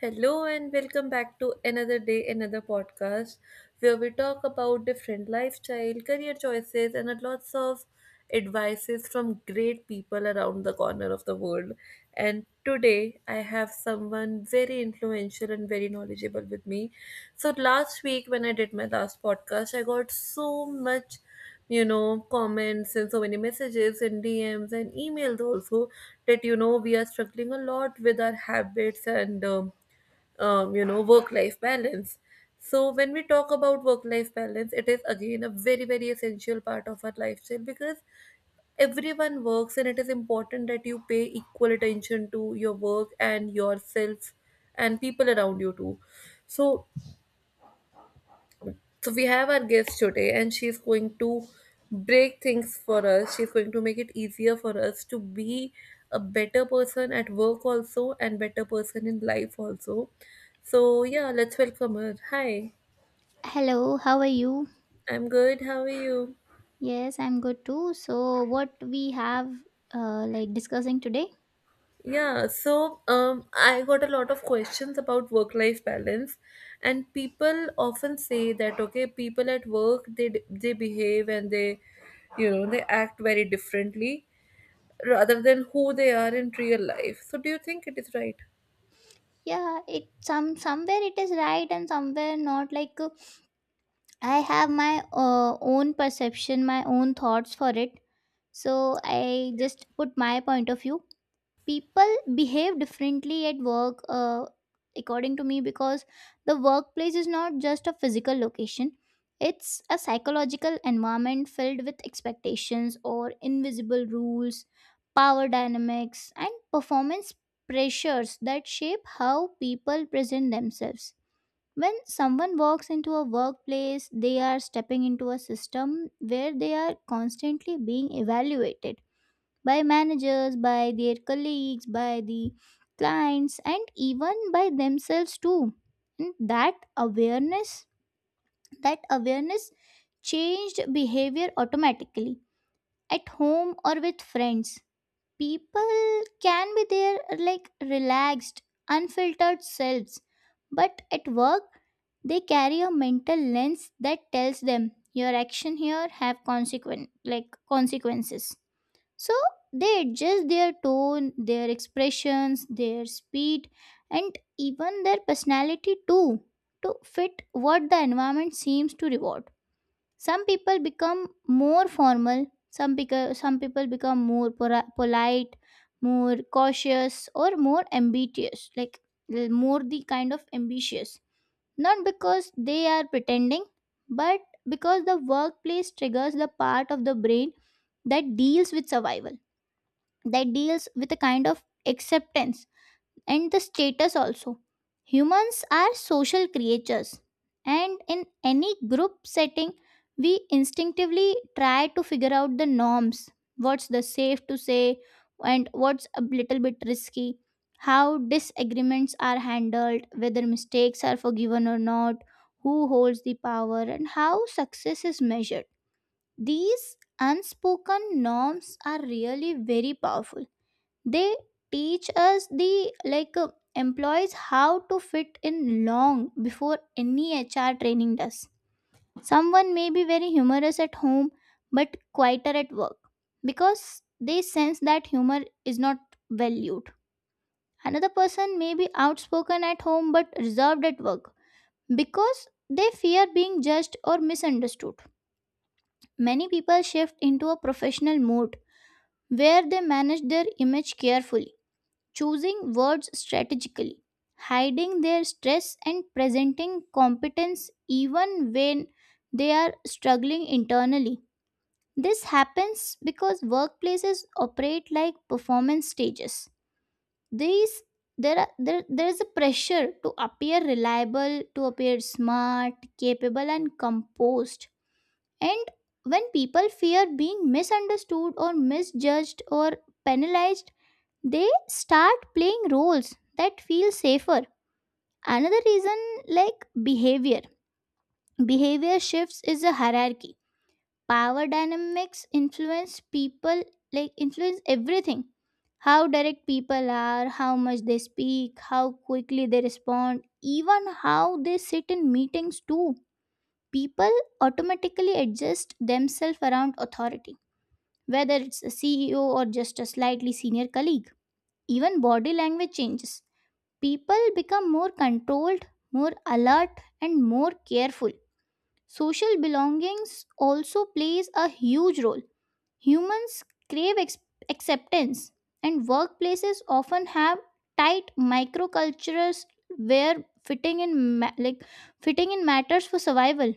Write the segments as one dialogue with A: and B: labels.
A: Hello and welcome back to another day, another podcast where we talk about different lifestyle, career choices, and a lots of advices from great people around the corner of the world. And today I have someone very influential and very knowledgeable with me. So last week when I did my last podcast, I got so much comments and so many messages and DMs and emails also that we are struggling a lot with our habits and work life balance. So, when we talk about work life balance, it is again a very, very essential part of our lifestyle because everyone works and it is important that you pay equal attention to your work and yourself and people around you too. So, so we have our guest today, and she's going to break things for us. She's going to make it easier for us to be a better person at work also and better person in life also. So yeah, let's welcome her. Hi,
B: Hello, how are you?
A: I'm good. How are you?
B: Yes, I'm good too. So, what we have like discussing today?
A: I got a lot of questions about work-life balance, and people often say that okay, people at work they behave and they, they act very differently rather than who they are in real life. So, do you think it is right?
B: Yeah, it some somewhere it is right and somewhere not. I have my own perception, my own thoughts for it. So I just put my point of view. People behave differently at work according to me, because the workplace is not just a physical location, it's a psychological environment filled with expectations or invisible rules, power dynamics and performance pressures that shape how people present themselves. When someone walks into a workplace, they are stepping into a system where they are constantly being evaluated by managers, by their colleagues, by the clients, and even by themselves too. And that awareness changed behavior automatically. At home or with friends, people can be their like relaxed, unfiltered selves, but at work they carry a mental lens that tells them your action here have consequent like consequences. So they adjust their tone, their expressions, their speed, and even their personality too, to fit what the environment seems to reward. Some people become more formal, some, some people become more polite, more cautious, or more ambitious, like more the kind of ambitious. Not because they are pretending, but because the workplace triggers the part of the brain that deals with survival, that deals with a kind of acceptance and the status also. Humans are social creatures, and in any group setting, we instinctively try to figure out the norms: what's the safe to say, and what's a little bit risky, how disagreements are handled, whether mistakes are forgiven or not, who holds the power, and how success is measured. These unspoken norms are really very powerful. They teach us the like employees how to fit in long before any hr training does. Someone may be very humorous at home but quieter at work because they sense that humor is not valued. Another person may be outspoken at home but reserved at work because they fear being judged or misunderstood. Many people shift into a professional mode where they manage their image carefully, choosing words strategically, hiding their stress, and presenting competence even when they are struggling internally. This happens because workplaces operate like performance stages. These there, are, there is a pressure to appear reliable, to appear smart, capable, and composed. And when people fear being misunderstood or misjudged or penalized, they start playing roles that feel safer. Another reason like behavior behavior shifts is a hierarchy. Power dynamics influence people, influence everything: how direct people are, how much they speak, how quickly they respond, even how they sit in meetings too. People automatically adjust themselves around authority, whether it's a ceo or just a slightly senior colleague. Even body language changes. People become more controlled, more alert, and more careful. Social belongings also plays a huge role. Humans crave acceptance, and workplaces often have tight microcultures where fitting in ma- like fitting in matters for survival.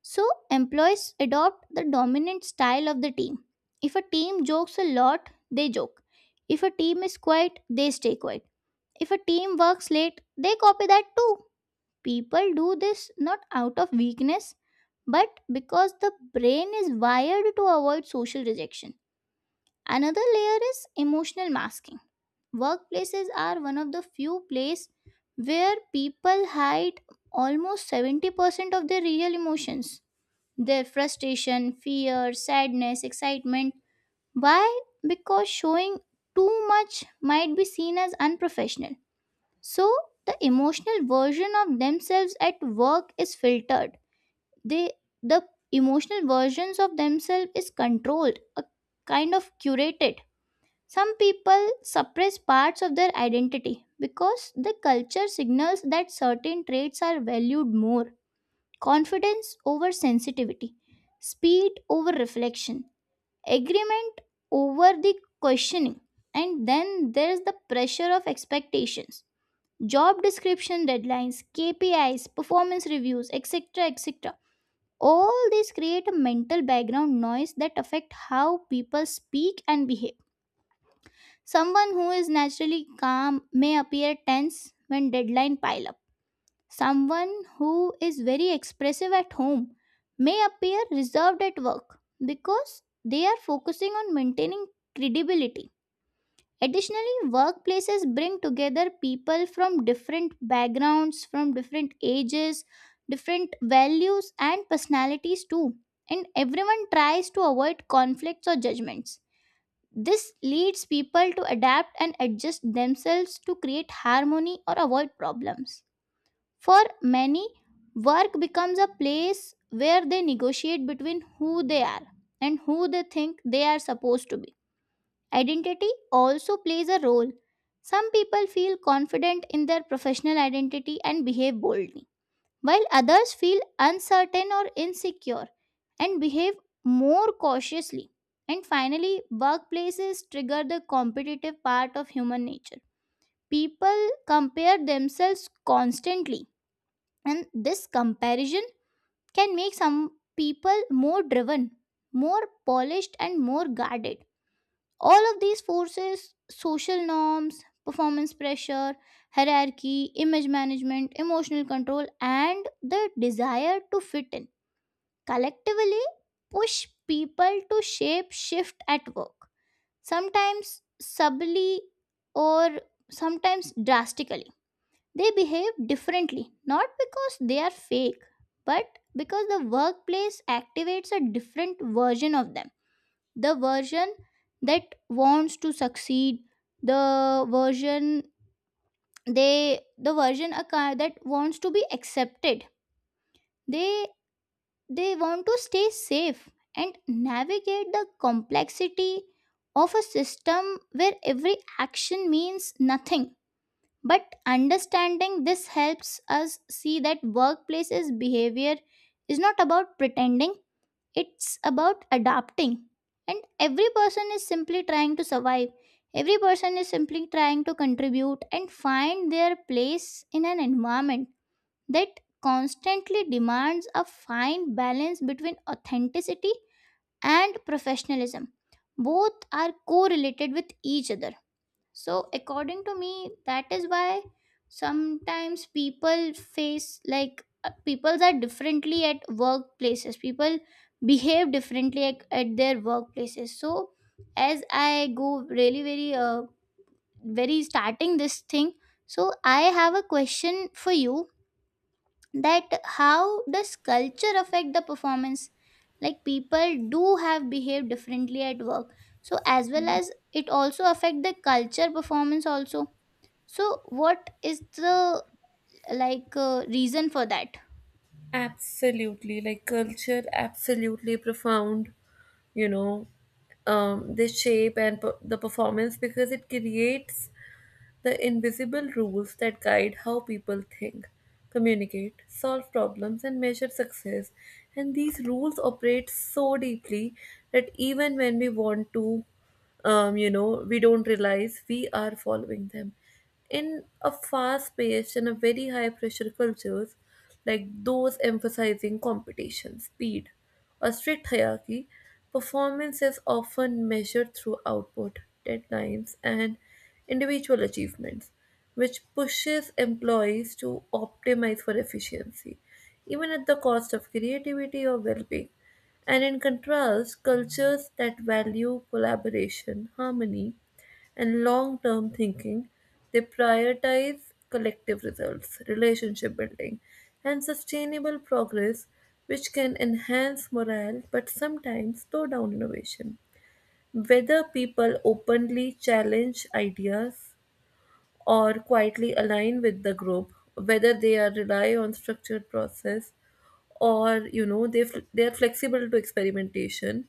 B: So employees adopt the dominant style of the team. If a team jokes a lot, they joke. If a team is quiet, they stay quiet. If a team works late, they copy that too. People do this not out of weakness, but because the brain is wired to avoid social rejection. Another layer is emotional masking. Workplaces are one of the few places where people hide almost 70% of their real emotions: their frustration, fear, sadness, excitement. Why? Because showing too much might be seen as unprofessional. So the emotional version of themselves at work is filtered. They the emotional versions of themselves is controlled, a kind of curated. Some people suppress parts of their identity because the culture signals that certain traits are valued more. Confidence over sensitivity, speed over reflection, agreement over the questioning. And then there's the pressure of expectations: job description, deadlines, KPIs, performance reviews, etc. etc. All these create a mental background noise that affect how people speak and behave. Someone who is naturally calm may appear tense when deadline pile up. Someone who is very expressive at home may appear reserved at work because they are focusing on maintaining credibility. Additionally, workplaces bring together people from different backgrounds, from different ages, different values, and personalities too. And everyone tries to avoid conflicts or judgments. This leads people to adapt and adjust themselves to create harmony or avoid problems. For many, work becomes a place where they negotiate between who they are and who they think they are supposed to be. Identity also plays a role. Some people feel confident in their professional identity and behave boldly, while others feel uncertain or insecure and behave more cautiously. And finally, workplaces trigger the competitive part of human nature. People compare themselves constantly, and this comparison can make some people more driven, more polished, and more guarded. All of these forces, social norms, performance pressure, hierarchy, image management, emotional control, and the desire to fit in, collectively push people to shape shift at work, sometimes subtly or sometimes drastically. They behave differently, not because they are fake, but because the workplace activates a different version of them, the version that wants to succeed, the version they the version a car that wants to be accepted. they they want to stay safe and navigate the complexity of a system where every action means nothing. But understanding this helps us see that workplace's behavior is not about pretending, it's about adapting. And every person is simply trying to survive. Every person is simply trying to contribute and find their place in an environment that constantly demands a fine balance between authenticity and professionalism. Both are correlated with each other. So, according to me, that is why sometimes people face peoples are differently at workplaces. People behave differently at their workplaces. So, as I go really, very, very starting this thing, so I have a question for you: that how does culture affect the performance, like people do have behaved differently at work, so as well as it also affect the culture performance also, so what is the reason for that?
A: Absolutely, like culture, absolutely profound. You know, the the performance because it creates the invisible rules that guide how people think, communicate, solve problems, and measure success. And these rules operate so deeply that even when we want to we don't realize we are following them. In a fast paced and a very high pressure cultures like those emphasizing competition, speed, or strict hierarchy, performance is often measured through output, deadlines, and individual achievements, which pushes employees to optimize for efficiency, even at the cost of creativity or well being. And in contrast, cultures that value collaboration, harmony, and long term thinking, they prioritize collective results, relationship building, and sustainable progress, which can enhance morale but sometimes slow down innovation. Whether people openly challenge ideas or quietly align with the group, whether they are rely on structured process or they are flexible to experimentation,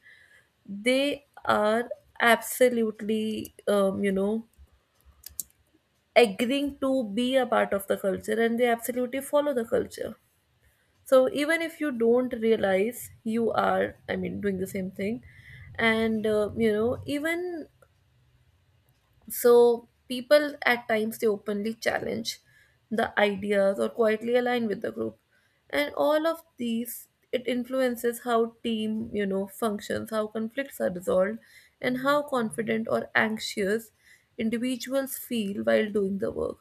A: they are absolutely agreeing to be a part of the culture and they absolutely follow the culture. So even if you don't realize you are, I mean, doing the same thing, and even so, people at times they openly challenge the ideas or quietly align with the group, and all of these, it influences how team, functions, how conflicts are resolved, and how confident or anxious individuals feel while doing the work.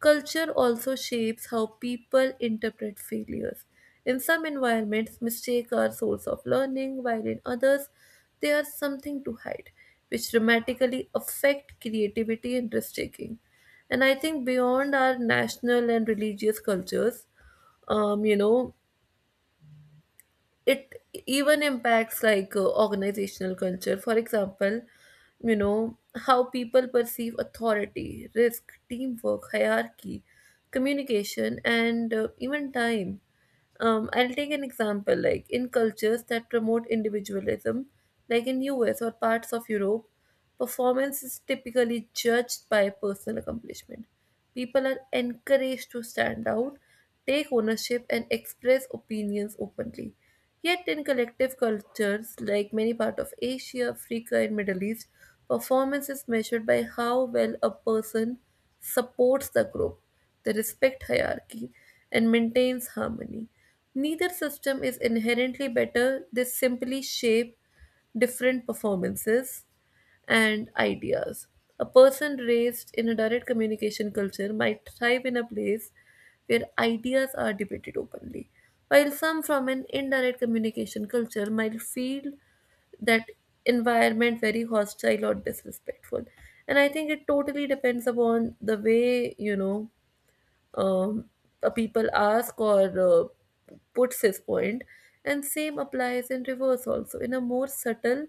A: Culture also shapes how people interpret failures. In some environments, mistakes are source of learning, while in others, they are something to hide, which dramatically affect creativity and risk taking. And I think beyond our national and religious cultures, um, you know, it even impacts like organizational culture. For example, you know how people perceive authority, risk, teamwork, hierarchy, communication, and even time. I'll take an example, like in cultures that promote individualism, like in US or parts of Europe, performance is typically judged by personal accomplishment. People are encouraged to stand out, take ownership, and express opinions openly. Yet in collective cultures like many parts of Asia, Africa and Middle East, performance is measured by how well a person supports the group, they respect hierarchy and maintains harmony. Neither system is inherently better, they simply shape different performances and ideas. A person raised in a direct communication culture might thrive in a place where ideas are debated openly, while some from an indirect communication culture might feel that environment very hostile or disrespectful. And I think it totally depends upon the way, um, people ask or puts his point. And same applies in reverse also. In a more subtle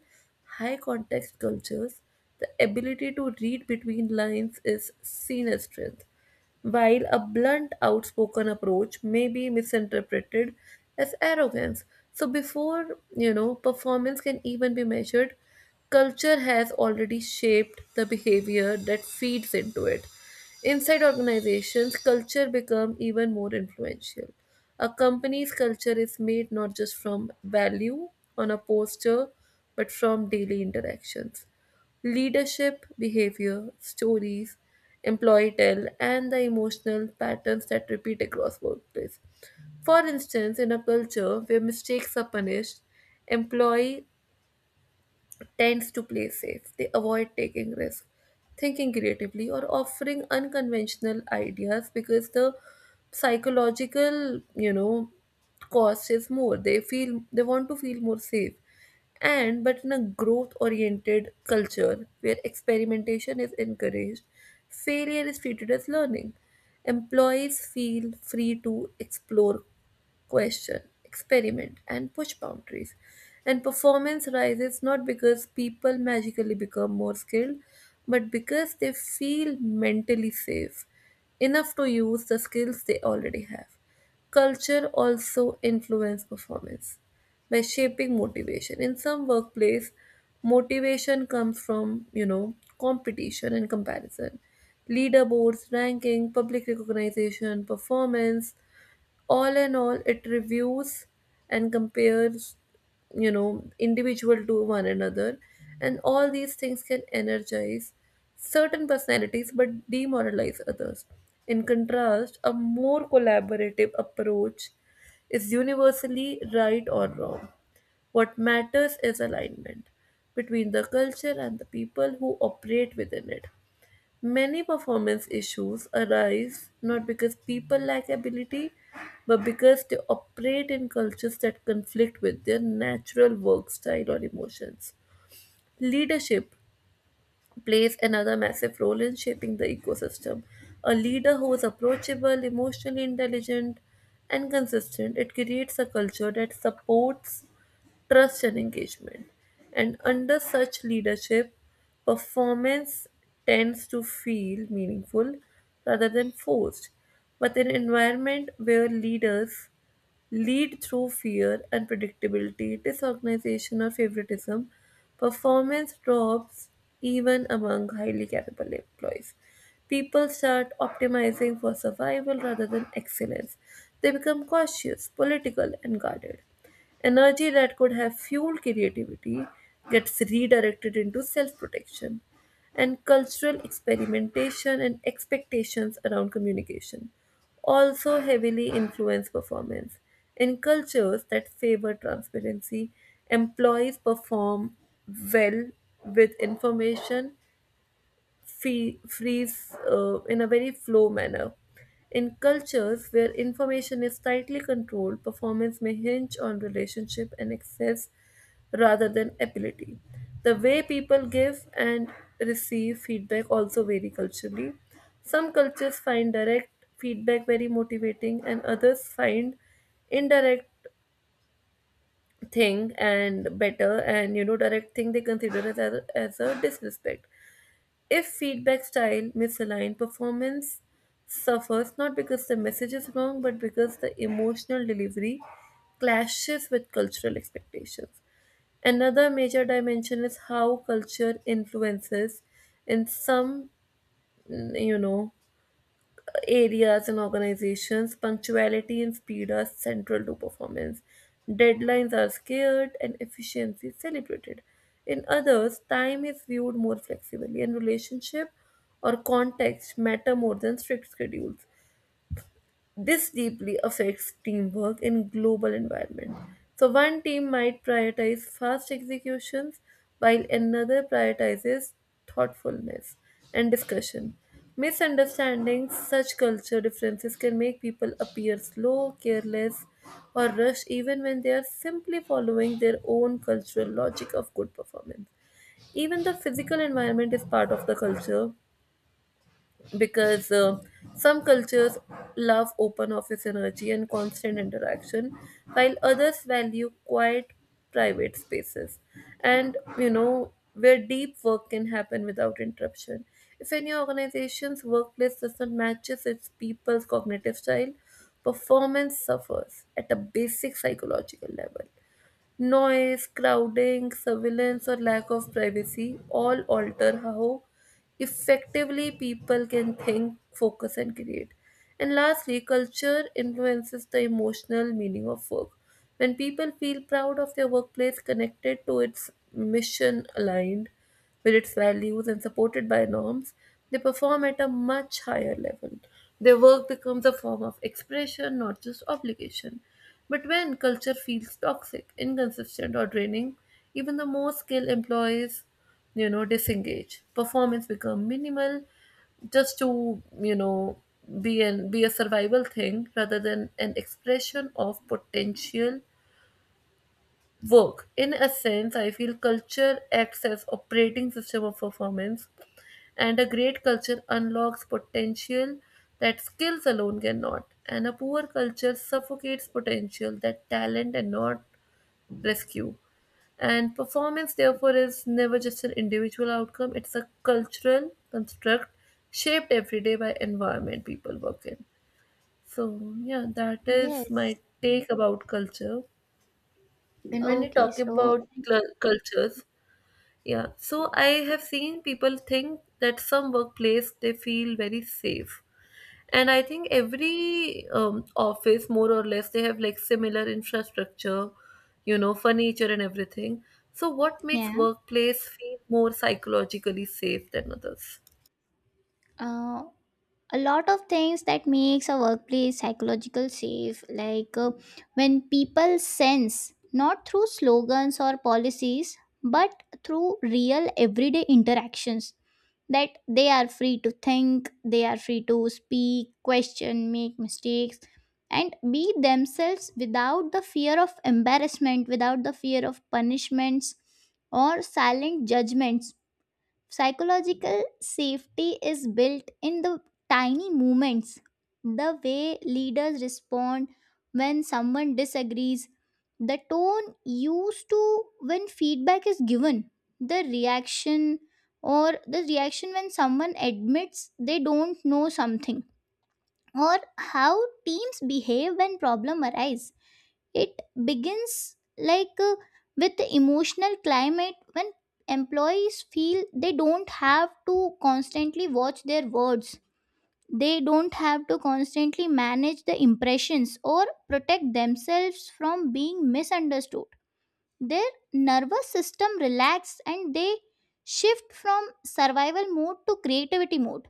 A: high context cultures, the ability to read between lines is seen as strength, while a blunt, outspoken approach may be misinterpreted as arrogance. So, before performance can even be measured, culture has already shaped the behavior that feeds into it. Inside organizations, culture become even more influential. A company's culture is made not just from value on a poster, but from daily interactions. Leadership, behavior, stories, employee tell, and the emotional patterns that repeat across workplace. For instance, in a culture where mistakes are punished, employee tends to play safe. They avoid taking risks, thinking creatively, or offering unconventional ideas because the psychological, cost is more. They feel they want to feel more safe. And but in a growth oriented culture where experimentation is encouraged, failure is treated as learning. Employees feel free to explore, question, experiment, and push boundaries. And performance rises not because people magically become more skilled, but because they feel mentally safe enough to use the skills they already have. Culture also influences performance by shaping motivation. In some workplace, motivation comes from, competition and comparison. Leaderboards, ranking, public recognition, performance, all in all it reviews and compares, individual to one another, and all these things can energize certain personalities but demoralize others. In contrast, a more collaborative approach is universally right or wrong. What matters is alignment between the culture and the people who operate within it. Many performance issues arise not because people lack ability, but because they operate in cultures that conflict with their natural work style or emotions. Leadership plays another massive role in shaping the ecosystem. A leader who is approachable, emotionally intelligent, and consistent, it creates a culture that supports trust and engagement. And under such leadership, performance tends to feel meaningful rather than forced. But in an environment where leaders lead through fear, unpredictability, disorganization, or favoritism, performance drops even among highly capable employees. People start optimizing for survival rather than excellence. They become cautious, political, and guarded. Energy that could have fueled creativity gets redirected into self protection. And cultural experimentation and expectations around communication also heavily influence performance. In cultures that favor transparency, employees perform well with information free, freeze in a very flow manner. In cultures where information is tightly controlled, performance may hinge on relationship and access rather than ability. The way people give and receive feedback also vary culturally. Some cultures find direct feedback very motivating, and others find indirect thing and better, and direct thing they consider as a disrespect. If feedback style misaligned, performance suffers not because the message is wrong, but because the emotional delivery clashes with cultural expectations. Another major dimension is how culture influences, in some, mm, you know, areas and organizations, punctuality and speed are central to performance. Deadlines are scared and efficiency is celebrated. In others, time is viewed more flexibly and relationship or context matter more than strict schedules. This deeply affects teamwork in global environment. So one team might prioritize fast executions while another prioritizes thoughtfulness and discussion. Misunderstanding such culture differences can make people appear slow, careless, or rushed even when they are simply following their own cultural logic of good performance. Even the physical environment is part of the culture, because some cultures love open office energy and constant interaction, while others value quiet private spaces, and where deep work can happen without interruption. If any organization's workplace doesn't matches its people's cognitive style, performance suffers at a basic psychological level. Noise, crowding, surveillance, or lack of privacy all alter how effectively people can think, focus, and create. And lastly, culture influences the emotional meaning of work. When people feel proud of their workplace, connected to its mission aligned, with its values and supported by norms, they perform at a much higher level. Their work becomes a form of expression, not just obligation. But when culture feels toxic, inconsistent, or draining, even the most skilled employees, disengage. Performance becomes minimal, just to, be an be a survival thing rather than an expression of potential work. In a sense, I feel culture acts as operating system of performance, and a great culture unlocks potential that skills alone cannot, and a poor culture suffocates potential that talent cannot rescue. And performance, therefore, is never just an individual outcome, it's a cultural construct shaped every day by environment people work in. So, yeah, that is
B: Yes.
A: my take about culture. And when you
B: Okay.
A: talk
B: So
A: about cultures, yeah, so I have seen people think that some workplace they feel very safe. And I think every office, more or less, they have like similar infrastructure, furniture and everything. So, what makes
B: yeah.
A: workplace feel more psychologically safe than others?
B: Uh, a lot of things that makes a workplace psychological safe, when people sense not through slogans or policies but through real everyday interactions that they are free to think, they are free to speak, question, make mistakes, and be themselves without the fear of embarrassment, without the fear of punishments or silent judgments. Psychological safety is built in the tiny moments: the way leaders respond when someone disagrees, the tone used to when feedback is given, the reaction the reaction when someone admits they don't know something, or how teams behave when problem arise. It begins with the emotional climate. When employees feel they don't have to constantly watch their words, they don't have to constantly manage the impressions or protect themselves from being misunderstood, their nervous system relaxes and they shift from survival mode to creativity mode.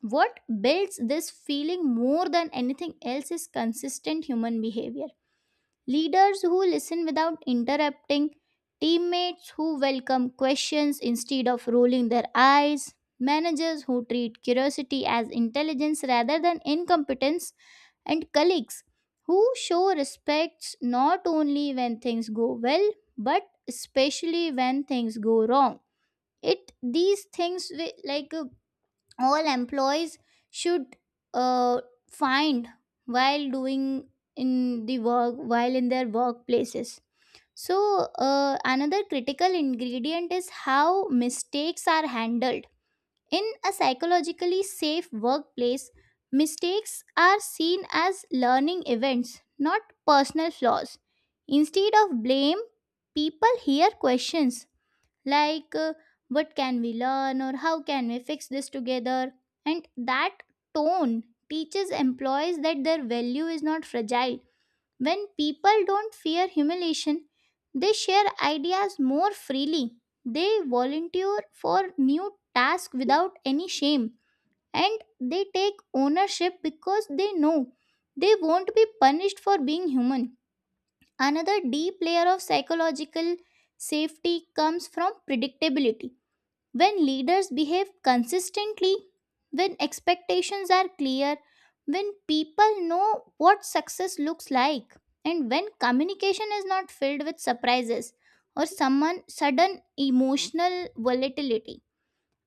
B: What builds this feeling more than anything else is consistent human behavior: leaders who listen without interrupting, teammates who welcome questions instead of rolling their eyes, managers who treat curiosity as intelligence rather than incompetence, and colleagues who show respect not only when things go well but especially when things go wrong. It these things wi- like All employees should uh, find while doing in the work, while in their workplaces. So another critical ingredient is how mistakes are handled. In a psychologically safe workplace, mistakes are seen as learning events, not personal flaws. Instead of blame, people hear questions like uh, what can we learn, or how can we fix this together. And that tone teaches employees that their value is not fragile. When people don't fear humiliation, they share ideas more freely, they volunteer for new tasks without any shame, and they take ownership because they know they won't be punished for being human. Another deep layer of psychological safety comes from predictability: when leaders behave consistently, when expectations are clear, when people know what success looks like, and when communication is not filled with surprises or someone sudden emotional volatility.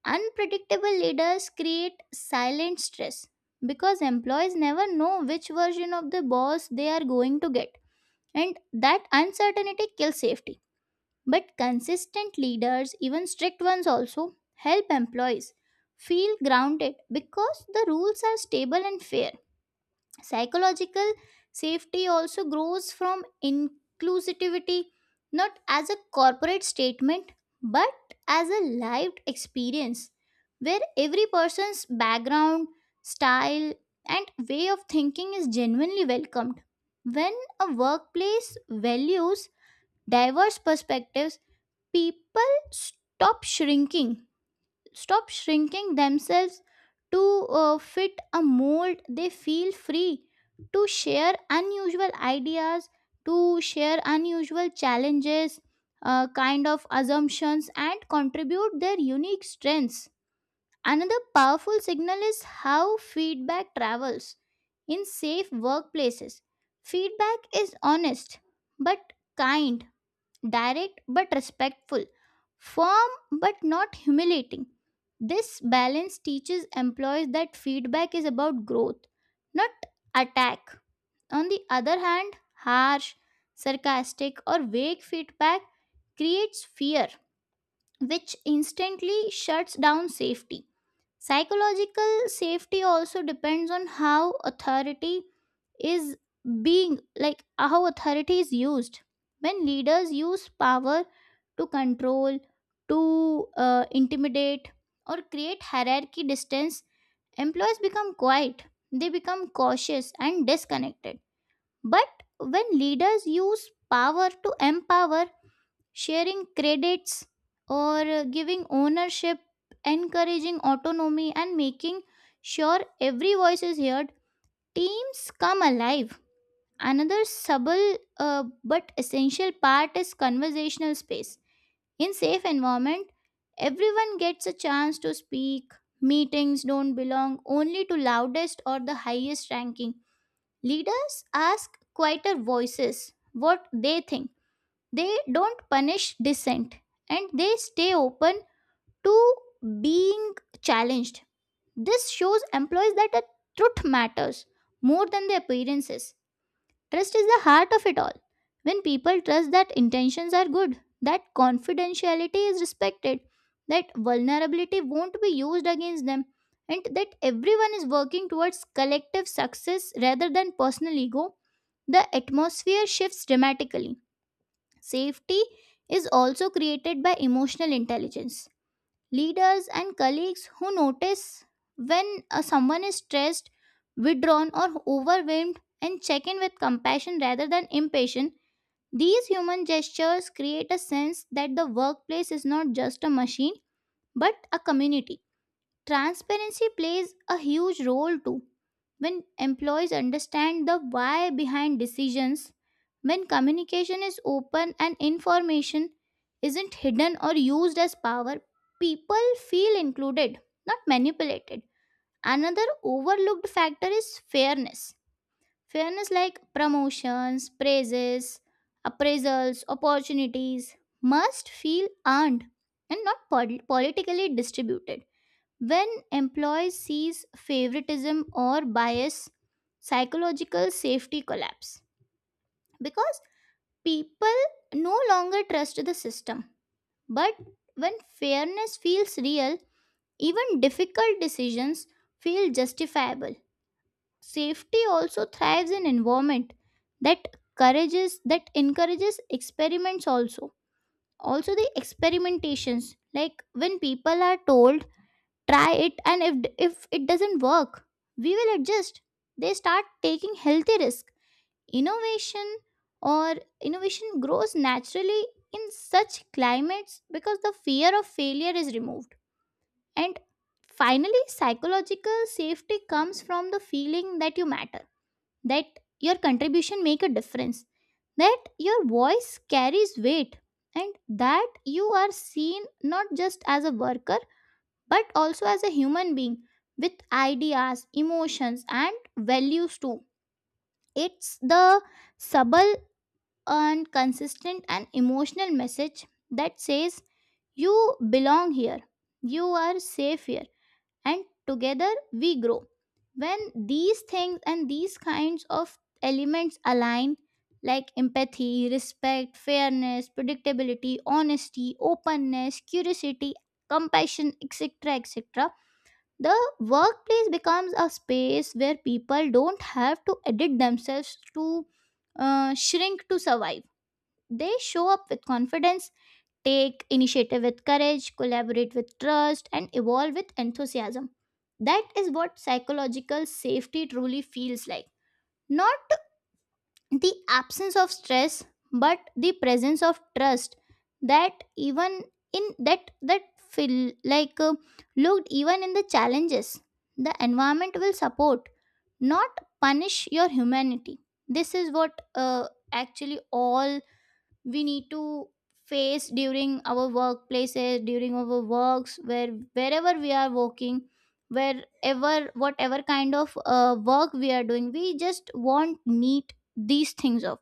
B: Unpredictable leaders create silent stress because employees never know which version of the boss they are going to get, and that uncertainty kills safety. But consistent leaders, even strict ones also, help employees feel grounded because the rules are stable and fair. Psychological safety also grows from inclusivity, not as a corporate statement, but as a lived experience where every person's background, style, and way of thinking is genuinely welcomed. When a workplace values diverse perspectives, people stop shrinking themselves to fit a mold. They feel free to share unusual challenges, kind of assumptions, and contribute their unique strengths. Another powerful signal is how feedback travels. In safe workplaces, feedback is honest but kind, direct but respectful, firm but not humiliating. This balance teaches employees that feedback is about growth, not attack. On the other hand, harsh, sarcastic, or vague feedback creates fear, which instantly shuts down safety. Psychological safety also depends on how authority is being like how authority is used. When leaders use power to control, to intimidate, or create hierarchy distance, employees become quiet, they become cautious and disconnected. But when leaders use power to empower, sharing credits or giving ownership, encouraging autonomy, and making sure every voice is heard, teams come alive. Another subtle but essential part is conversational space. In safe environment, everyone gets a chance to speak. Meetings don't belong only to loudest or the highest ranking. Leaders ask quieter voices what they think. They don't punish dissent, and they stay open to being challenged. This shows employees that the truth matters more than the appearances. Trust is the heart of it all. When people trust that intentions are good, that confidentiality is respected, that vulnerability won't be used against them, and that everyone is working towards collective success rather than personal ego, the atmosphere shifts dramatically. Safety is also created by emotional intelligence. Leaders and colleagues who notice when someone is stressed, withdrawn, or overwhelmed and check in with compassion rather than impatience. These human gestures create a sense that the workplace is not just a machine but a community. Transparency plays a huge role too. When employees understand the why behind decisions, when communication is open and information isn't hidden or used as power, people feel included, not manipulated. Another overlooked factor is fairness. Fairness like promotions, praises, appraisals, opportunities must feel earned and not politically distributed. When employees sees favoritism or bias, psychological safety collapse, because people no longer trust the system. But when fairness feels real, even difficult decisions feel justifiable. Safety also thrives in environment that encourages experiments also. Also the experimentations, like when people are told try it, and if it doesn't work we will adjust, they start taking healthy risk. innovation or Innovation grows naturally in such climates because the fear of failure is removed. And finally, psychological safety comes from the feeling that you matter, that your contribution make a difference, that your voice carries weight, and that you are seen not just as a worker but also as a human being with ideas, emotions, and values too. It's the subtle and consistent and emotional message that says you belong here, you are safe here, and together we grow. When these things and these kinds of elements align, like empathy, respect, fairness, predictability, honesty, openness, curiosity, compassion, etc., etc., the workplace becomes a space where people don't have to edit themselves to shrink to survive. They show up with confidence, take initiative with courage, collaborate with trust, and evolve with enthusiasm. That is what psychological safety truly feels like. Not the absence of stress, but the presence of trust that even in that feel like looked, even in the challenges, the environment will support, not punish your humanity. This is what actually all we need to face during our workplaces, during our works, where wherever we are working, wherever whatever kind of work we are doing, we just want need these things of.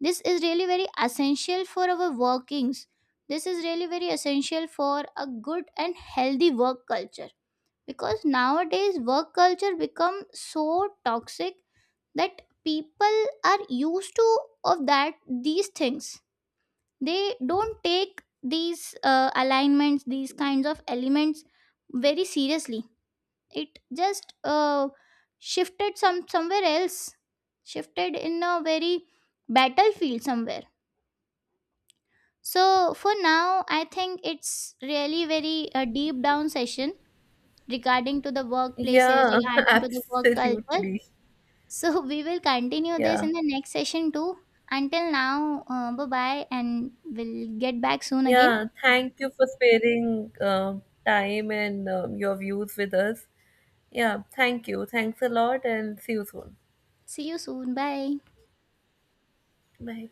B: This is really very essential for our workings. This is really very essential for a good and healthy work culture, because nowadays work culture become so toxic that people are used to of that these things. They don't take these alignments, these kinds of elements, very seriously. It just shifted somewhere else, shifted in a very battlefield somewhere. So for now I think it's really very deep down session regarding to the workplaces,
A: Yeah,
B: regarding to the work culture.
A: absolutely.
B: So we will continue this
A: Yeah.
B: in the next session too. Until now, bye bye, and we'll get back soon again.
A: Yeah, thank you for sparing time and your views with us. Yeah, thank you. Thanks a lot and see you soon.
B: See you soon. Bye.
A: Bye.